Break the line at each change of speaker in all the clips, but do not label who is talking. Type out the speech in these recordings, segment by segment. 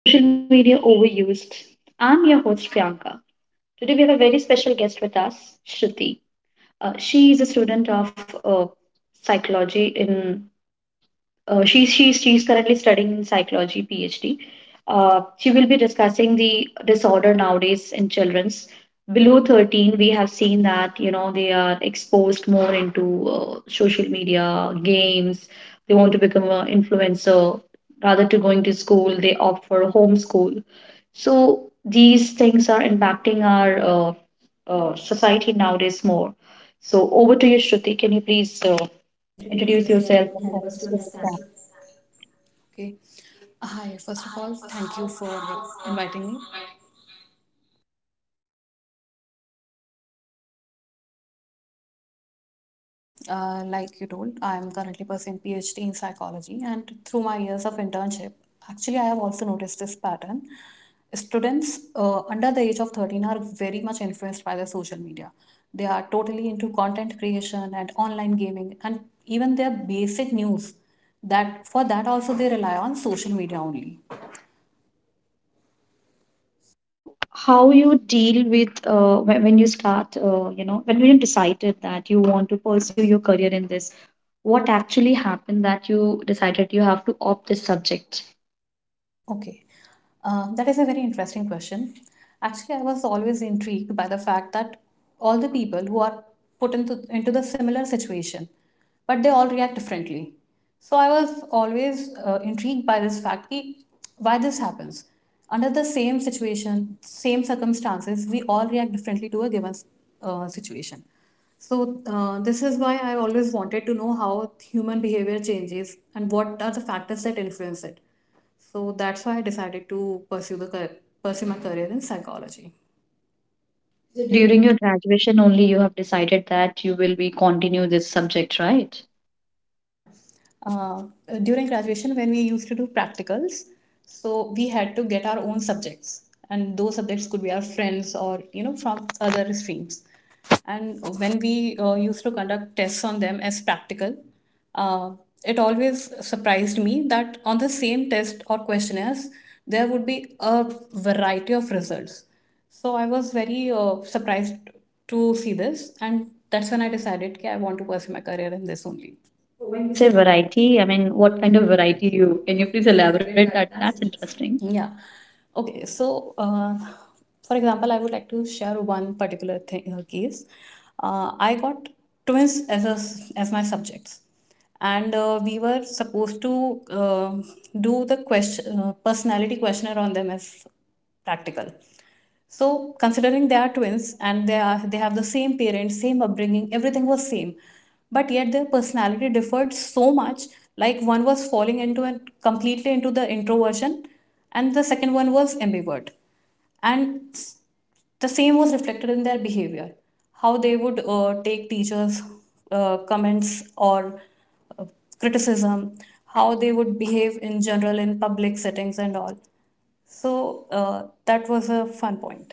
to Social Media Overused. I'm your host Priyanka. Today we have a very special guest with us, Shruti. She is a student of psychology in she's currently studying in psychology PhD. She will be discussing the disorder nowadays in childrens below 13. We have seen that you know they are exposed more into social media, games. They want to become an influencer rather to going to school. They opt for homeschool. So these things are impacting our society nowadays more. So over to you, Shruti. Can you please
Introduce
introduce
yourself
yourself
and
and
help
help
us to
us to
understand.
understand?
Okay. Hi. First of all, thank you for inviting me. Okay. So, like you told, I am currently pursuing PhD in psychology, and through my years of internship, actually, I have also noticed this pattern. Students under the age of 13 are very much influenced by the social media. They are totally into content creation and online gaming, and even their basic news. That for that also they rely on social media only.
So, how you deal with when you start, when you decided that you want to pursue your career in this, what actually happened that you decided you have to opt this subject?
Okay, that is a very interesting question. Actually, I was always intrigued by the fact that all the people who are put into the similar situation, but they all react differently. So I was always intrigued by this fact ki, why this happens. Under the same situation, same circumstances, we all react differently to a given situation. So this is why I always wanted to know how human behavior changes and what are the factors that influence it. So that's why I decided to pursue my career in psychology. So
So
do you.
during your graduation only, you have decided that you will be continue this subject, right?
Yeah. Uh, During graduation, when we used to do practicals, so we had to get our own subjects, and those subjects could be our friends or you know from other streams. And when we used to conduct tests on them as practical, uh, it always surprised me that on the same test or questionnaires, there would be a variety of results. So I was very surprised to see this, and that's when I decided that I want to pursue my career in this only.
So when
When
we
you
say
say
variety, I
variety, I mean,
mean, what
what
kind
kind
of
of
variety
variety
you
you
can
can
you
you
please
please
elaborate
elaborate
that?
that?
That's
That's
interesting.
interesting. Yeah. Okay. So, for example, I would like to share one particular thing case. I got twins as as my subjects, and we were supposed to do the question personality questionnaire on them as practical, so considering they are twins and they have the same parents, same upbringing, everything was same, but yet their personality differed so much. Like one was falling into an completely into the introversion, and the second one was ambivert, and s- the same was reflected in their behavior, how they would take teachers comments or uh, criticism, how they would behave in general in public settings and all. So that was a fun point.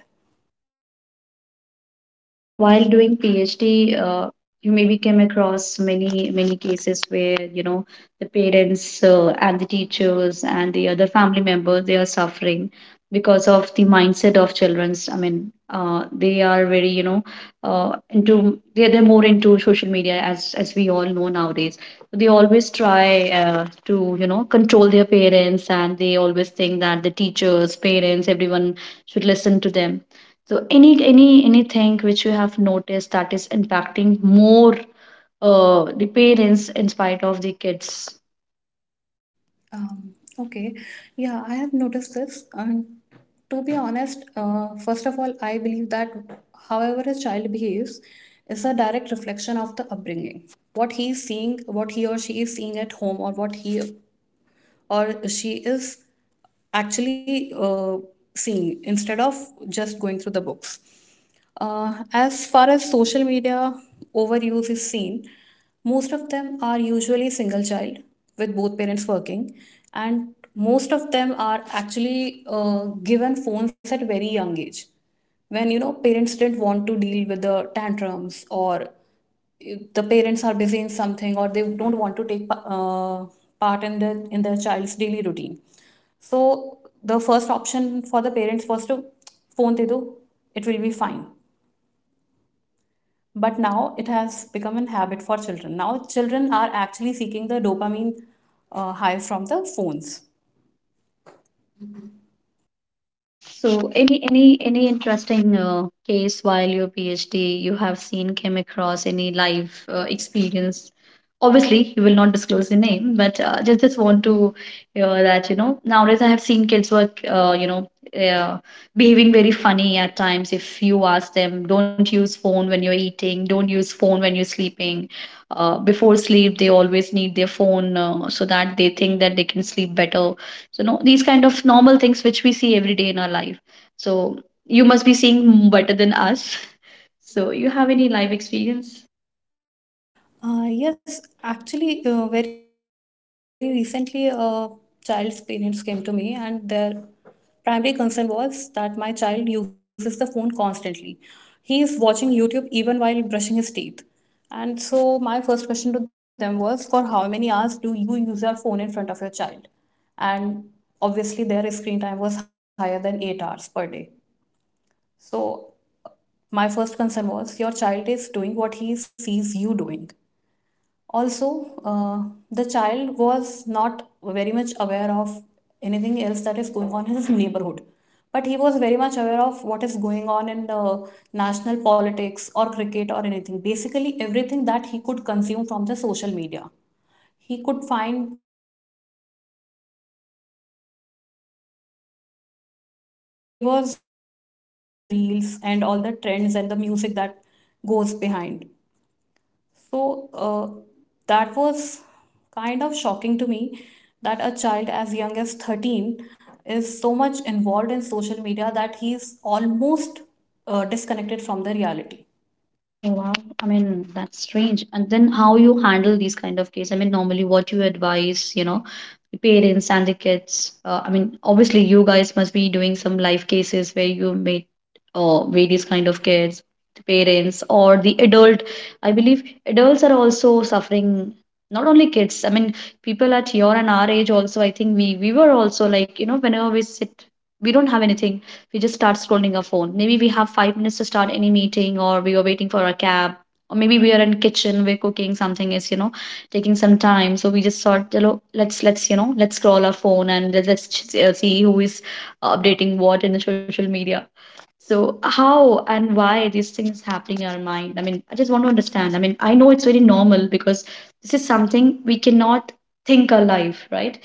And while doing PhD, you maybe came across many cases where you know the parents and the teachers and the other family members they are suffering because of the mindset of childrens. I mean, they are very you know into they they're more into social media as we all know nowadays. So they always try to you know control their parents and they always think that the teachers, parents, everyone should listen to them, so anything which you have noticed that is impacting more the parents in spite of the kids?
Um, okay. Yeah, I have noticed this. And to be honest, first of all, I believe that however a child behaves is a direct reflection of the upbringing. What he is seeing, what he or she is seeing at home, or what he or she is actually seeing instead of just going through the books. As far as social media overuse is seen, most of them are usually single child with both parents working, and most of them are actually given phones at very young age. When you know parents didn't want to deal with the tantrums, or the parents are busy in something, or they don't want to part in the in their child's daily routine. So the first option for the parents was to phone they do, it will be fine. But now it has become an habit for children. Now children are actually seeking the dopamine high from the phones.
So, any interesting case while your PhD you have seen came across any live experience? Obviously, you will not disclose the name, but just want to hear that you know nowadays I have seen kids work uh, behaving very funny at times. If you ask them, don't use phone when you're eating, don't use phone when you're sleeping. Before sleep, they always need their phone so that they think that they can sleep better, so no, these kind of normal things which we see every day in our life. So you must be seeing better than us. So you have any life experience?
Yes, actually, very recently, a child's parents came to me, and their primary concern was that my child uses the phone constantly. He is watching YouTube even while brushing his teeth. And so, my first question to them was, for how many hours do you use your phone in front of your child? And obviously, their screen time was higher than 8 hours per day. So, my first concern was, your child is doing what he sees you doing. Also, the child was not very much aware of anything else that is going on in his neighborhood, but he was very much aware of what is going on in the national politics or cricket or anything. Basically, everything that he could consume from the social media. He could find he couldn't find a single relevant example from his nearby surroundings, but he was aware of all the reels and all the trends and the music that goes behind. So that was kind of shocking to me that a child as young as 13 is so much involved in social media that he's almost disconnected from the reality.
Oh, wow. I mean, that's strange. And then how you handle these kind of case? I mean, normally what you advise, you know, the parents and the kids. I mean, obviously you guys must be doing some life cases where you meet various kind of kids, the parents or the adult. I believe adults are also suffering, not only kids. I mean, people at your and our age also, I think we were also like, you know, whenever we sit, we don't have anything, we just start scrolling our phone. Maybe we have 5 minutes to start any meeting, or we are waiting for a cab, or maybe we are in kitchen, we're cooking something is you know taking some time. So we just thought, you know, let's scroll our phone and let's see who is updating what in the social media. So how and why these things happening in our mind? I mean, I just want to understand. I mean, I know it's very normal because this is something we cannot think alive, right?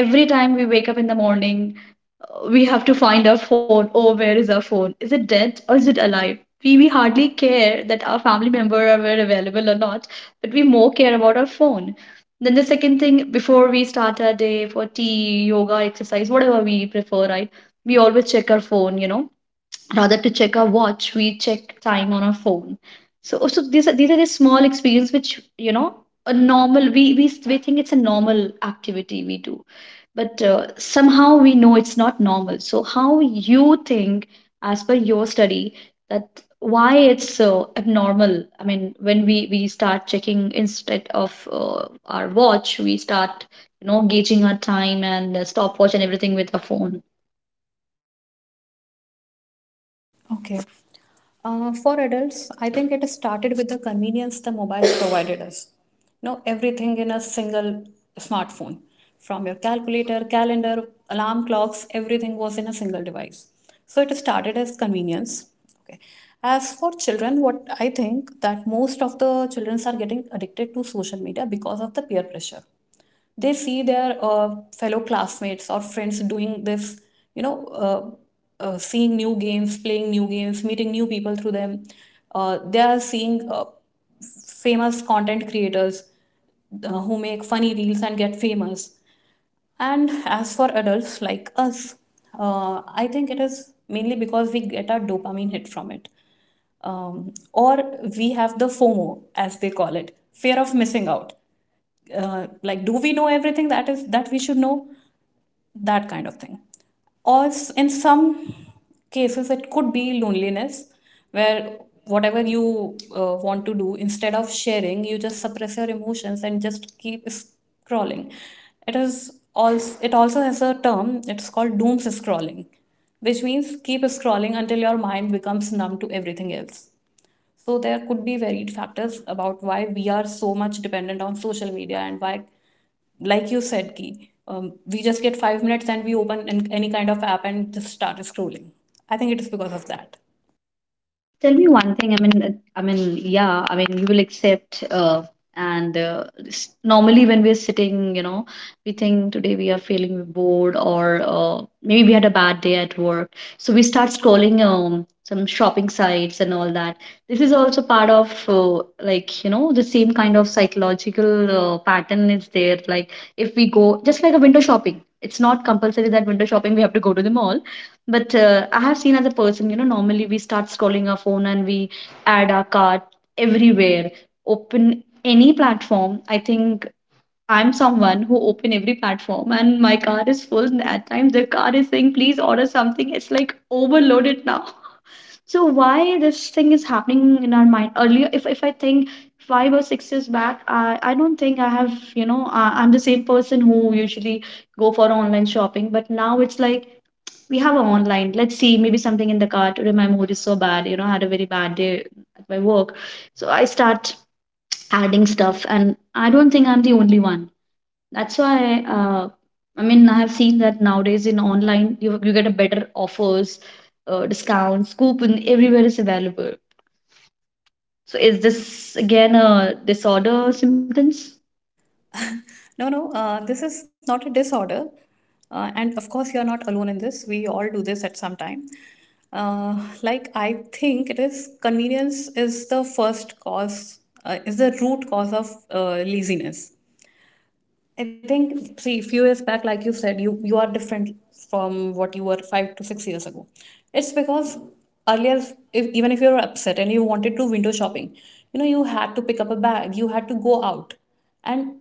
Every time we wake up in the morning, we have to find our phone. Oh, where is our phone? Is it dead or is it alive? We hardly care that our family member are were available or not, but we more care about our phone. Then the second thing, before we start our day for tea, yoga, exercise, whatever we prefer, right? We always check our phone, you know, rather to check our watch, we check time on our phone. So oh, so these are the small experience which you know a normal we think it's a normal activity we do, but somehow we know it's not normal. So how you think, as per your study, that why it's so abnormal? I mean, when we start checking, instead of our watch, we start you know gauging our time and stopwatch and everything with our phone.
Okay. For adults, I think it started with the convenience the mobiles provided us. Now, everything in a single smartphone, from your calculator, calendar, alarm clocks, everything was in a single device. So, it started as convenience. Okay. As for children, what I think that most of the children are getting addicted to social media because of the peer pressure. They see their fellow classmates or friends doing this, you know, seeing new games, playing new games, meeting new people through them. They are seeing famous content creators who make funny reels and get famous. And as for adults like us, I think it is mainly because we get our dopamine hit from it. Or we have the FOMO, as they call it, fear of missing out. Like, do we know everything that is that we should know? That kind of thing. In some cases, it could be loneliness, where whatever you want to do, instead of sharing, you just suppress your emotions and just keep scrolling. It also has a term. It's called dooms scrolling, which means keep scrolling until your mind becomes numb to everything else. So there could be varied factors about why we are so much dependent on social media and why, like you said, ki, we just get 5 minutes and any kind of app and just start scrolling. I think it is because of that.
Tell me one thing. I mean, yeah. I mean, you will accept. Normally, when we're sitting, you know, we think today we are feeling bored, or maybe we had a bad day at work, so we start scrolling some shopping sites and all that. This is also part of like you know the same kind of psychological pattern is there. Like if we go just like a window shopping, it's not compulsory that window shopping we have to go to the mall, but I have seen as a person, you know, normally we start scrolling our phone and we add our cart everywhere. Open any platform. I think I'm someone who open every platform and my cart is full. And at times the cart is saying, please order something. It's like overloaded now. So why this thing is happening in our mind earlier? If I think 5 or 6 years back, I don't think I have you know I'm the same person who usually go for online shopping, but now it's like we have online. Let's see, maybe something in the car. Today my mood is so bad. You know, I had a very bad day at my work. So I start adding stuff, and I don't think I'm the only one. That's why, I mean, I have seen that nowadays in online, you get a better offers, discounts, coupon everywhere is available. So is this again a disorder symptoms?
No, no, this is not a disorder. And of course, you're not alone in this. We all do this at some time. Uh, like, I think it is convenience is the first cause, is the root cause of laziness. I think, see, few years back, like you said, you are different from what you were 5 to 6 years ago. It's because earlier, if, even if you were upset and you wanted to window shopping, you know, you had to pick up a bag, you had to go out, and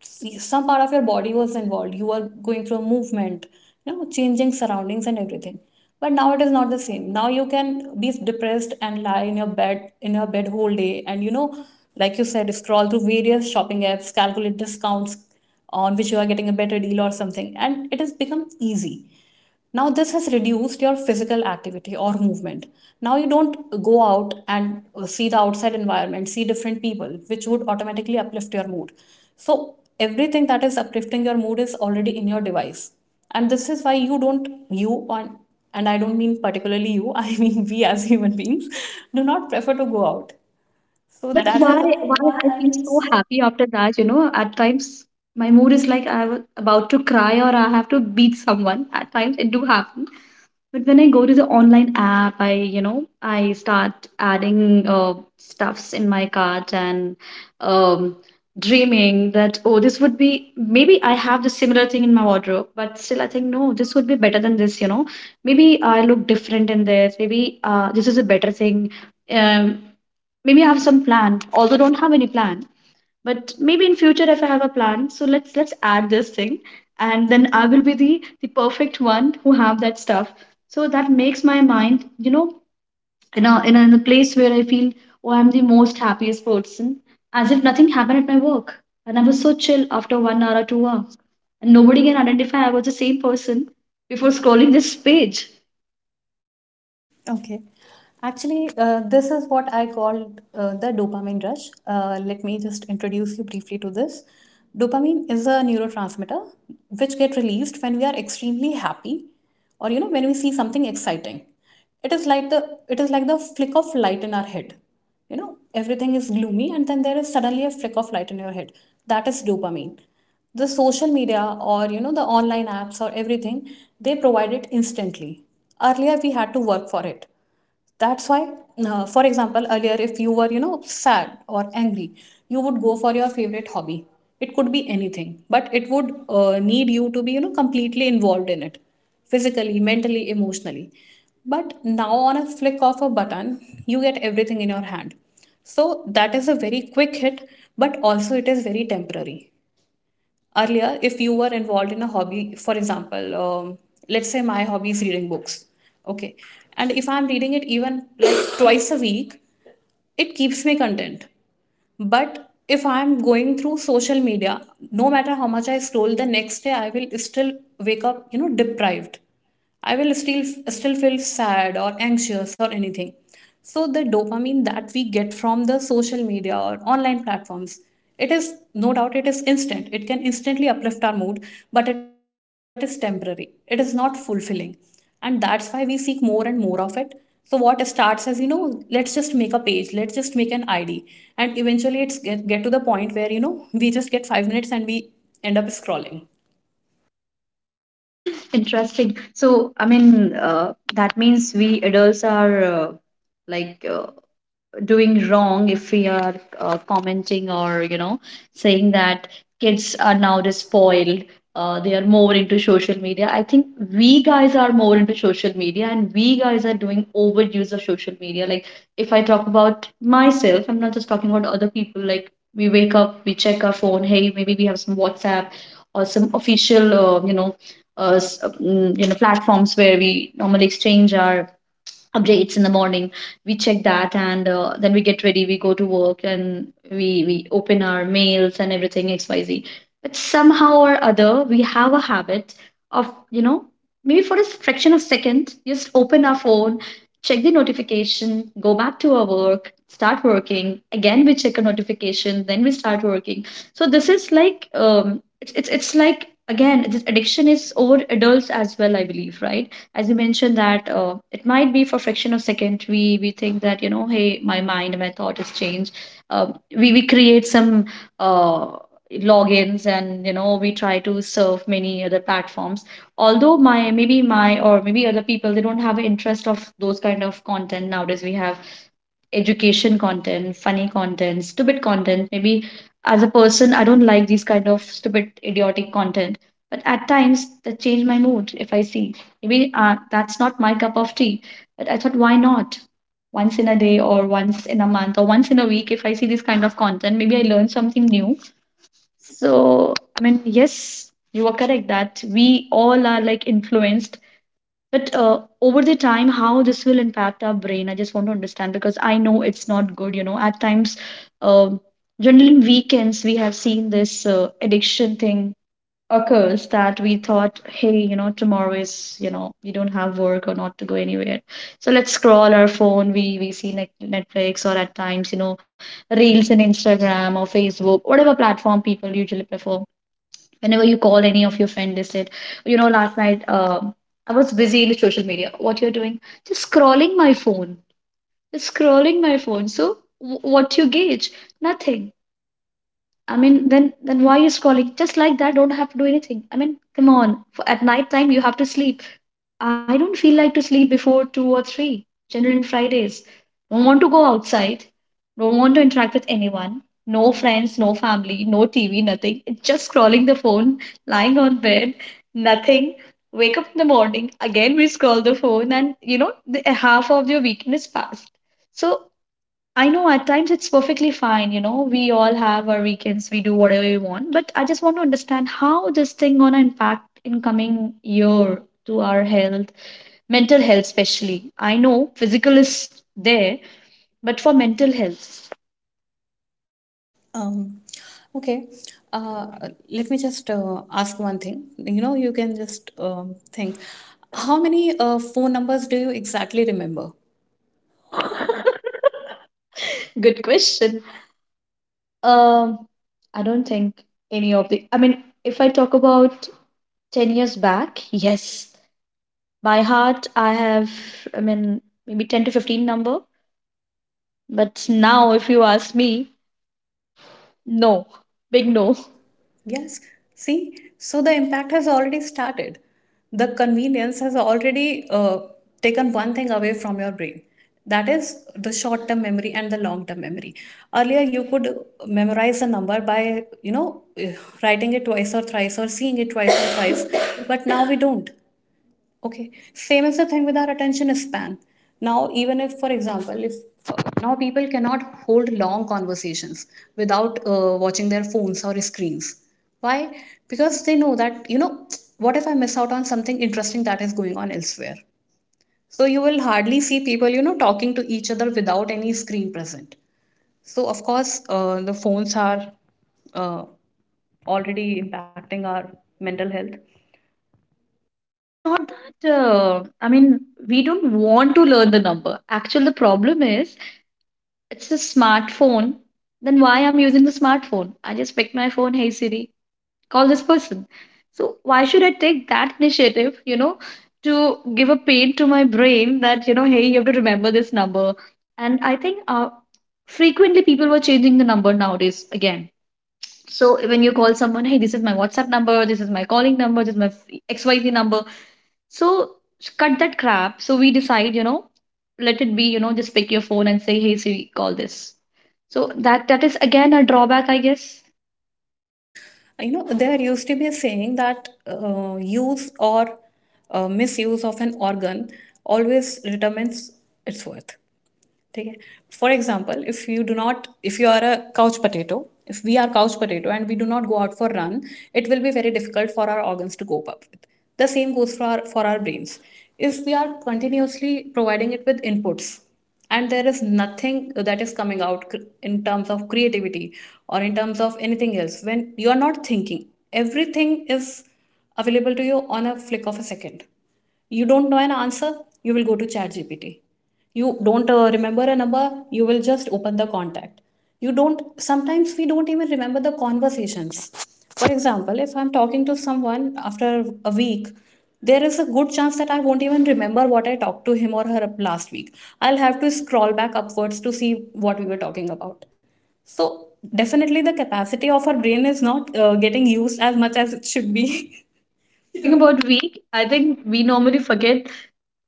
see, some part of your body was involved. You were going through a movement, you know, changing surroundings and everything. But now it is not the same. Now you can be depressed and lie in your bed whole day, and you know, like you said, scroll through various shopping apps, calculate discounts, on which you are getting a better deal or something, and it has become easy. Now this has reduced your physical activity or movement. Now you don't go out and see the outside environment, see different people, which would automatically uplift your mood. So everything that is uplifting your mood is already in your device, and this is why you don't you on and I don't mean particularly you, I mean we as human beings do not prefer to go out. So that
But
That's has
why
why
why I
I
feel
feel
so
so.
happy after that, you know, at times my mood is like I was about to cry or I have to beat someone. At times it do happen. But when I go to the online app, I start adding stuffs in my cart and um, dreaming that, oh, this would be, maybe I have the similar thing in my wardrobe, but still I think, no, this would be better than this, you know. Maybe I look different in this. Maybe this is a better thing. Um, Maybe I have some plan, although don't have any plan. But maybe in future if I have a plan, so let's add this thing and then I will be the perfect one who have that stuff. So that makes my mind, you know, in a place where I feel oh I'm the most happiest person, as if nothing happened at my work. And I was so chill after 1 hour or 2 hours. And nobody can identify I was the same person before scrolling this page.
Okay. Actually, this is what I called the dopamine rush. Let me just introduce you briefly to this. Dopamine is a neurotransmitter which get released when we are extremely happy or you know when we see something exciting. It is like the flick of light in our head. You know, everything is gloomy and then there is suddenly a flick of light in your head. That is dopamine. The social media or you know the online apps or everything, they provide it instantly. Earlier we had to work for it. That's why, for example, earlier if you were, you know, sad or angry, you would go for your favorite hobby. It could be anything, but it would need you to be, you know, completely involved in it, physically, mentally, emotionally. But now on a flick of a button, you get everything in your hand. So that is a very quick hit, but also it is very temporary. Earlier, if you were involved in a hobby, for example, let's say my hobby is reading books, okay, and if I'm reading it even like twice a week, it keeps me content. But if I'm going through social media, no matter how much I scroll, the next day I will still wake up, you know, deprived. I will still feel sad or anxious or anything. So the dopamine that we get from the social media or online platforms, it is no doubt it is instant. It can instantly uplift our mood, but it is temporary. It is not fulfilling, and that's why we seek more and more of it. So what starts as let's just make a page, let's just make an id, and eventually it's get to the point where, you know, we just get 5 minutes and we end up scrolling.
Interesting. So, I mean, that means we adults are like uh, doing wrong if we are commenting or you know saying that kids are now spoiled, they are more into social media. I think we guys are more into social media and we guys are doing overuse of social media. Like if I talk about myself, I'm not just talking about other people. Like we wake up, we check our phone, hey maybe we have some WhatsApp or some official uh, s- um, you know platforms where we normally exchange our updates in the morning. We check that and then we get ready, we go to work, and we open our mails and everything XYZ. But somehow or other we have a habit of you know maybe for a fraction of second just open our phone, check the notification, go back to our work, start working, again we check a notification, then we start working. So this is like it's like again this addiction is over adults as well, I believe, right? As you mentioned that it might be for fraction of second we think that you know hey my mind my thought is changed. Uh, we we create some uh, logins and you know we try to serve many other platforms, although my maybe my or maybe other people they don't have an interest of those kind of content. Nowadays we have education content, funny content, stupid content. Maybe as a person, I don't like these kind of stupid, idiotic content. But at times, that change my mood if I see. Maybe that's not my cup of tea. But I thought, why not? Once in a day, or once in a month, or once in a week, if I see this kind of content, maybe I learn something new. So, I mean, yes, you are correct that we all are like influenced but over the time, how this will impact our brain, I just want to understand because I know it's not good. At times, um, generally in weekends, we have seen this addiction thing occurs that we thought, hey, you know, tomorrow is, you know, we don't have work or not to go anywhere. So let's scroll our phone. We see Netflix or at times, you know, Reels in Instagram or Facebook, whatever platform people usually prefer. Whenever you call any of your friend, they said, you know, last night I was busy in the social media. What you're doing? Just scrolling my phone. Just scrolling my phone. So what you gauge? Nothing. I mean, then why are you scrolling? Just like that, don't have to do anything. I mean, come on. For, at night time, you have to sleep. I don't feel like to sleep before two or three. Generally, on Fridays, don't want to go outside. Don't want to interact with anyone. No friends, no family, no TV, nothing. Just scrolling the phone, lying on bed, nothing. Wake up in the morning, again we scroll the phone, and you know, the, half of your weekend is past. So I know at times it's perfectly fine, you know, we all have our weekends, we do whatever we want, but I just want to understand how this thing gonna impact in coming year to our health, mental health especially. I know physical is there, but for mental health
Um, okay. Uh, Let me just ask one thing. You know, you can just think. How many phone numbers do you exactly remember?
Good question. Um, I don't think any of the. I mean, if I talk about 10 years back, yes, by heart, I have, I mean, maybe 10 to 15 number. But now, if you ask me, no, big
Big
no.
move. Yes. See, so the impact has already started. The convenience has already taken one thing away from your brain. That is the short term memory and the long term memory. Earlier, you could memorize a number by, you know, writing it twice or thrice, or seeing it twice or thrice, but now we don't. Okay, same is the thing with our attention span. Now, even if, for example, if uh, now people cannot hold long conversations without watching their phones or screens. Why? Because they know that, you know, what if I miss out on something interesting that is going on elsewhere? So, you will hardly see people, you know, talking to each other without any screen present. So, of course, the phones are uh, already impacting our mental health.
It's not that, I mean, we don't want to learn the number. Actually, the problem is, it's a smartphone. Then why I'm using the smartphone? I just pick my phone, hey Siri, call this person. So why should I take that initiative, you know, to give a pain to my brain that, you know, hey, you have to remember this number. And I think frequently people were changing the number nowadays again. So when you call someone, hey, this is my WhatsApp number, this is my calling number, this is my XYZ number. So cut that crap. So we decide, you know, let it be, you know, just pick your phone and say, hey, Siri, call this. So that is again a drawback, I guess.
Yeah. You know, there used to be a saying that use or misuse of an organ always determines its worth. ठीक है for example if you do not if you are a couch potato. If we are couch potato and we do not go out for run, it will be very difficult for our organs to cope up with. The same goes for our brains. If we are continuously providing it with inputs, and there is nothing that is coming out in terms of creativity or in terms of anything else, when you are not thinking, everything is available to you on a flick of a second. You don't know an answer, you will go to ChatGPT. You don't remember a number, you will just open the contact. You don't, sometimes we don't even remember the conversations. For example, if I'm talking to someone after a week, there is a good chance that I won't even remember what I talked to him or her last week. I'll have to scroll back upwards to see what we were talking about. So definitely the capacity of our brain is not getting used as much as it should be.
You're talking about week. I think we normally forget.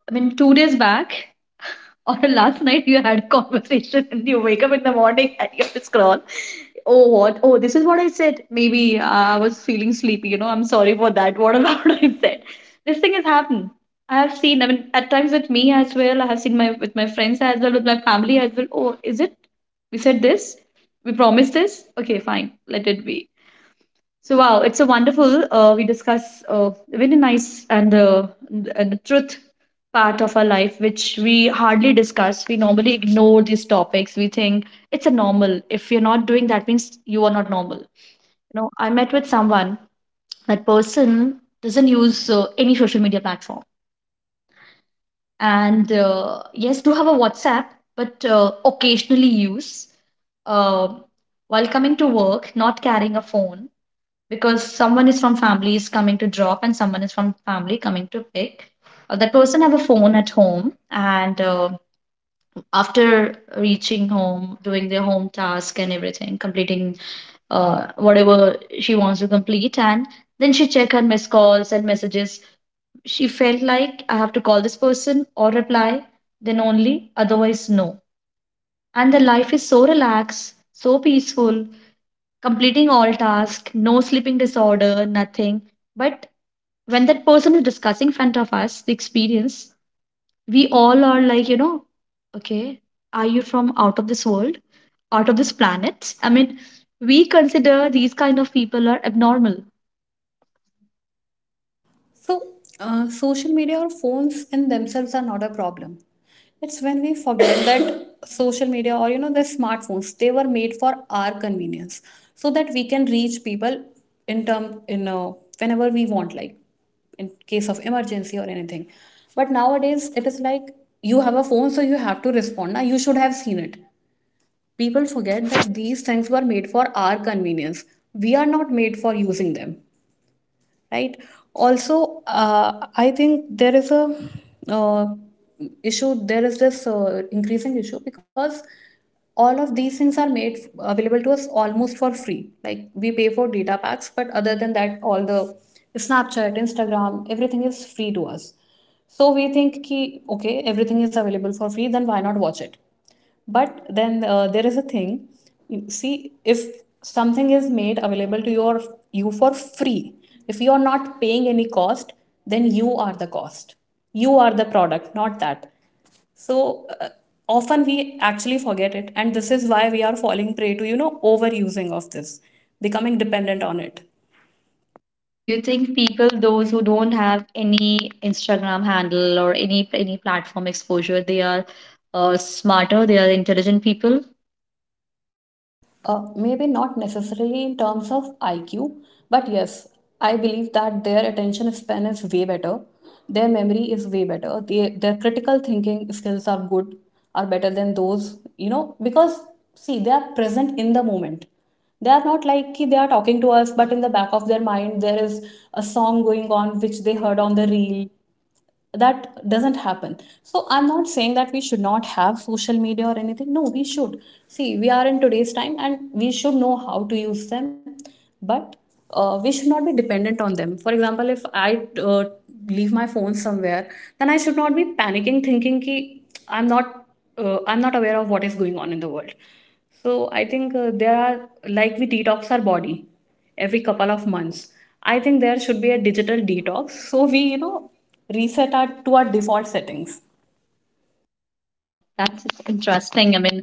I mean, 2 days back or last night, you had a conversation and you wake up in the morning and you have to scroll. Oh, what? Oh, this is what I said. Maybe I was feeling sleepy. You know, I'm sorry for that. What about I said? This thing has happened. I have seen. I mean, at times with me as well. I have seen my with my friends as well, with my family as well. Oh, is it? We said this. We promised this. Okay, fine. Let it be. So wow, it's a wonderful. We discuss very nice and the truth part of our life, which we hardly discuss. We normally ignore these topics. We think it's a normal. If you're not doing that, means you are not normal. You know, I met with someone. That person doesn't use any social media platform, and yes, do have a WhatsApp, but occasionally use. Uh, while coming to work, not carrying a phone because someone is from family is coming to drop and someone is from family coming to pick, that person have a phone at home and after reaching home doing their home task and everything completing, whatever she wants to complete and then she check her missed calls and messages. She felt like I have to call this person or reply, then only otherwise no. And the life is so relaxed, so peaceful, completing all tasks, no sleeping disorder, nothing. But when that person is discussing in front of us the experience, we all are like, you know, okay, are you from out of this world, out of this planet? I mean, we consider these kind of people are abnormal.
So, social media or phones in themselves are not a problem. It's when we forget that social media, or you know, the smartphones, they were made for our convenience, so that we can reach people in term in whenever we want, like in case of emergency or anything. But nowadays it is like, you have a phone, so you have to respond. Now you should have seen it. People forget that these things were made for our convenience. We are not made for using them, right? Also I think there is a uh, issue, there is this increasing issue because all of these things are made available to us almost for free. Like, we pay for data packs, but other than that all the Snapchat, Instagram, everything is free to us. So we think ki, okay, everything is available for free, then why not watch it? But then there is a thing. You see, if something is made available to you for free, if you are not paying any cost, then you are the cost, you are the product, not that. So often we actually forget it, and this is why we are falling prey to, you know, overusing of this, becoming dependent on it.
So you think people, those who don't have any Instagram handle or any platform exposure, they are smarter, they are intelligent people.
Maybe not necessarily in terms of IQ, but yes, I believe that their attention span is way better. Their memory is way better. Their critical thinking skills are good, are better than those, you know, because see, they are present in the moment. They are not like ki they are talking to us, but in the back of their mind, there is a song going on which they heard on the reel. That doesn't happen. So I'm not saying that we should not have social media or anything. No, we should. See, we are in today's time and we should know how to use them. But we should not be dependent on them. For example, if I leave my phone somewhere, then I should not be panicking, thinking ki I'm not I'm not aware of what is going on in the world. So I think there are, like we detox our body every couple of months, I think there should be a digital detox, so we, you know, reset our, to our default settings.
Wow, that's interesting. I mean,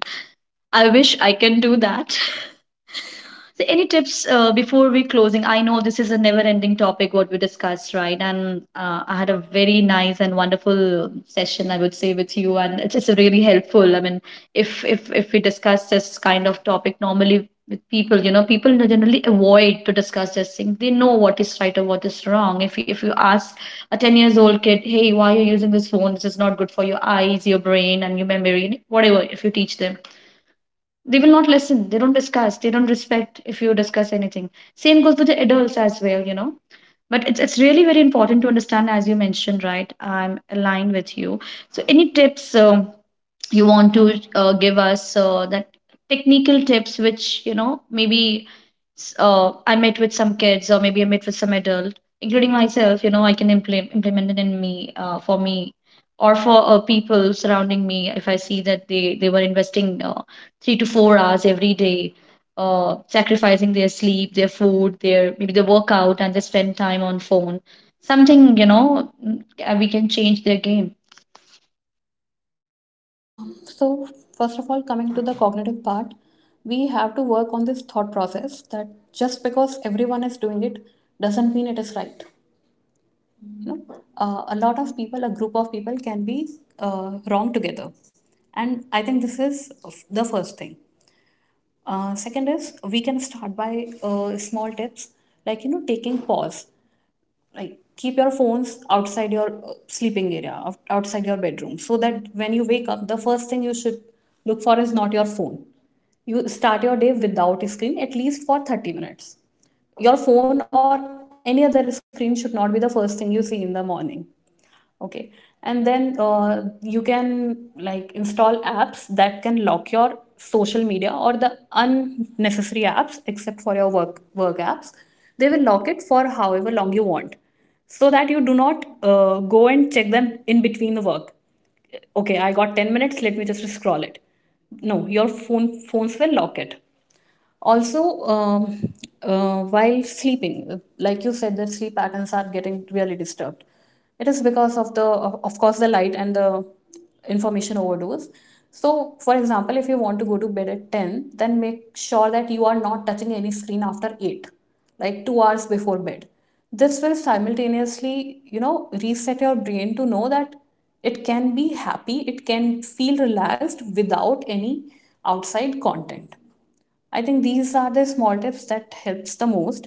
I wish I can do that. So, any tips before we closing? I know this is a never-ending topic what we discussed, right? And I had a very nice and wonderful session, I would say, with you, and it's really helpful. I mean, if we discuss this kind of topic normally with people, you know, people generally avoid to discuss this thing. They know what is right or what is wrong. If you ask a 10 years old kid, hey, why are you using this phone? This is not good for your eyes, your brain, and your memory, whatever. If you teach them they will not listen. They don't discuss. They don't respect if you discuss anything. Same goes with the adults as well, you know. But it's really very important to understand, as you mentioned, right? I'm aligned with you. So, any tips? You want to give us that technical tips which you know maybe I met with some kids or maybe I met with some adult including myself, you know, I can implement it in me for me or for people surrounding me if I see that they were investing 3 to 4 hours every day, sacrificing their sleep, their food, their maybe their workout, and they spend time on phone, something, you know, we can change their game.
So, first of all, coming to the cognitive part, we have to work on this thought process that just because everyone is doing it doesn't mean it is right. You know, a lot of people, a group of people can be wrong together. And I think this is the first thing. Second is, we can start by small tips, like, you know, taking pause, like, keep your phones outside your sleeping area, outside your bedroom, so that when you wake up the first thing you should look for is not your phone. You start your day without a screen at least for 30 minutes. Your phone or any other screen should not be the first thing you see in the morning. Okay? And then you can, like, install apps that can lock your social media or the unnecessary apps, except for your work apps. They will lock it for however long you want, so that you do not go and check them in between the work. Okay, I got 10 minutes, let me just scroll it. No, your phone phones will lock it. Also while sleeping, like you said, that sleep patterns are getting really disturbed, it is because of the, of course, the light and the information overdose. So for example, if you want to go to bed at 10, then make sure that you are not touching any screen after 8, like 2 hours before bed. This will simultaneously, you know, reset your brain to know that it can be happy, it can feel relaxed without any outside content. I think these are the small tips that helps the most.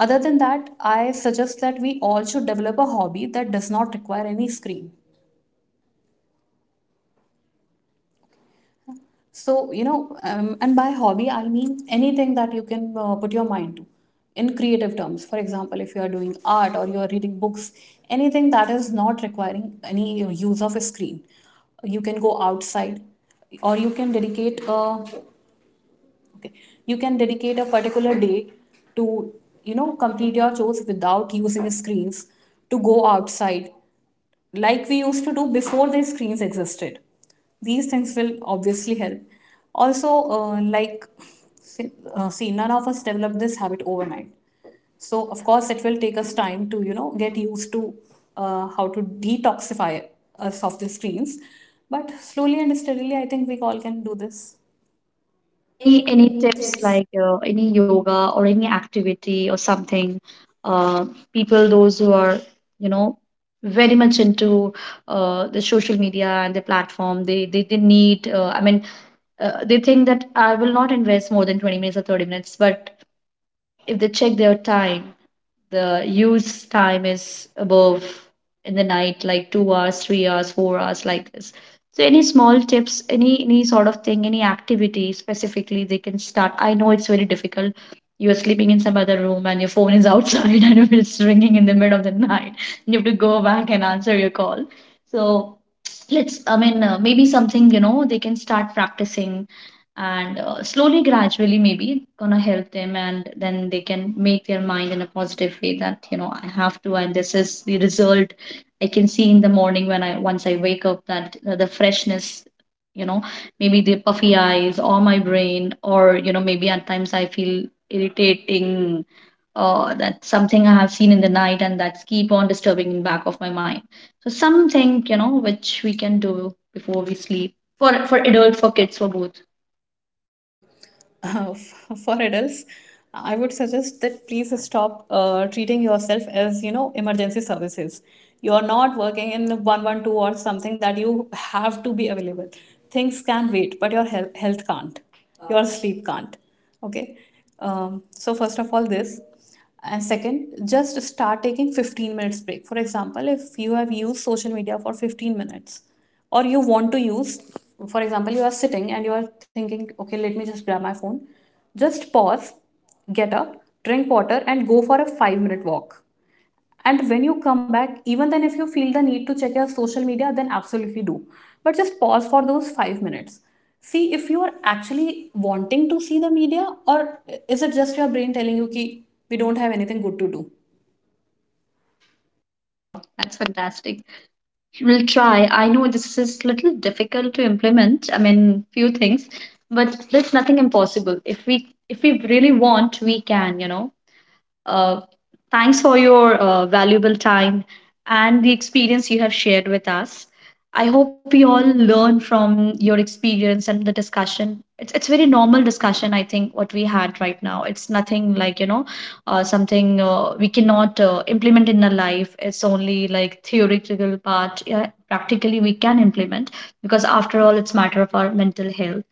Other than that, I suggest that we all should develop a hobby that does not require any screen. So, you know, and by hobby, I mean anything that you can put your mind to in creative terms. For example, if you are doing art or you are reading books, anything that is not requiring any use of a screen. You can go outside, or you can dedicate a— okay. You can dedicate a particular day to, you know, complete your chores without using screens, to go outside, like we used to do before the screens existed. These things will obviously help. Also, uh, like, see, see, none of us develop this habit overnight. So, of course, it will take us time to, you know, get used to how to detoxify us of the screens. But slowly and steadily, I think we all can do this. Any
Any
any
tips
tips.
like any yoga or any activity or something? Uh, People those who are, you know, very much into the social media and the platform, they need. I mean, they think that I will not invest more than 20 minutes or 30 minutes, but if they check their time, the use time is above, in the night, like 2 hours, 3 hours, 4 hours, like this. So any small tips, any sort of thing, any activity specifically they can start. I know it's very difficult. You are sleeping in some other room and your phone is outside and it's ringing in the middle of the night, you have to go back and answer your call. So let's, I mean, maybe something, you know, they can start practicing, and slowly gradually maybe gonna help them, and then they can make their mind in a positive way that, you know, I have to, and this is the result I can see in the morning when I once I wake up, that the freshness, you know, maybe the puffy eyes or my brain, or you know, maybe at times I feel irritating, that something I have seen in the night and that's keep on disturbing in back of my mind. So something, you know, which we can do before we sleep, for adults, for kids, for both.
Okay. For adults, I would suggest that please stop treating yourself as, you know, emergency services. You're not working in 112 or something that you have to be available. Things can wait, but your health can't. Your sleep can't. Okay. So, first of all, this. And second, just start taking 15 minutes break. For example, if you have used social media for 15 minutes, or you want to use, for example, you are sitting and you are thinking, okay, let me just grab my phone. Just pause, get up, drink water, and go for a five-minute walk. And when you come back, even then, if you feel the need to check your social media, then absolutely do. But just pause for those five minutes. See if you are actually wanting to see the media, or is it just your brain telling you, ki, we don't have anything good to do?
Wow, that's fantastic. We'll try. I know this is little difficult to implement. I mean, few things, but there's nothing impossible. If we really want, we can, you know. Uh, Thanks for your valuable time and the experience you have shared with us. I hope we all learn from your experience and the discussion. It's very normal discussion. I think what we had right now. It's nothing like, you know, something we cannot implement in our life. It's only like theoretical part. Yeah, practically we can implement, because after all, it's matter of our mental health,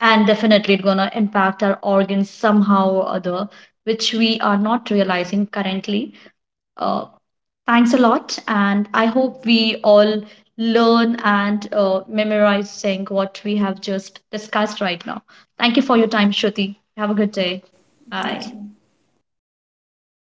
and definitely it's gonna impact our organs somehow or other, which we are not realizing currently. Uh, Thanks a lot, and I hope we all learn and memorize saying what we have just discussed right now. Thank you for your time, Shruti. Have a good
Have a good
day.
day.
Bye.
Bye.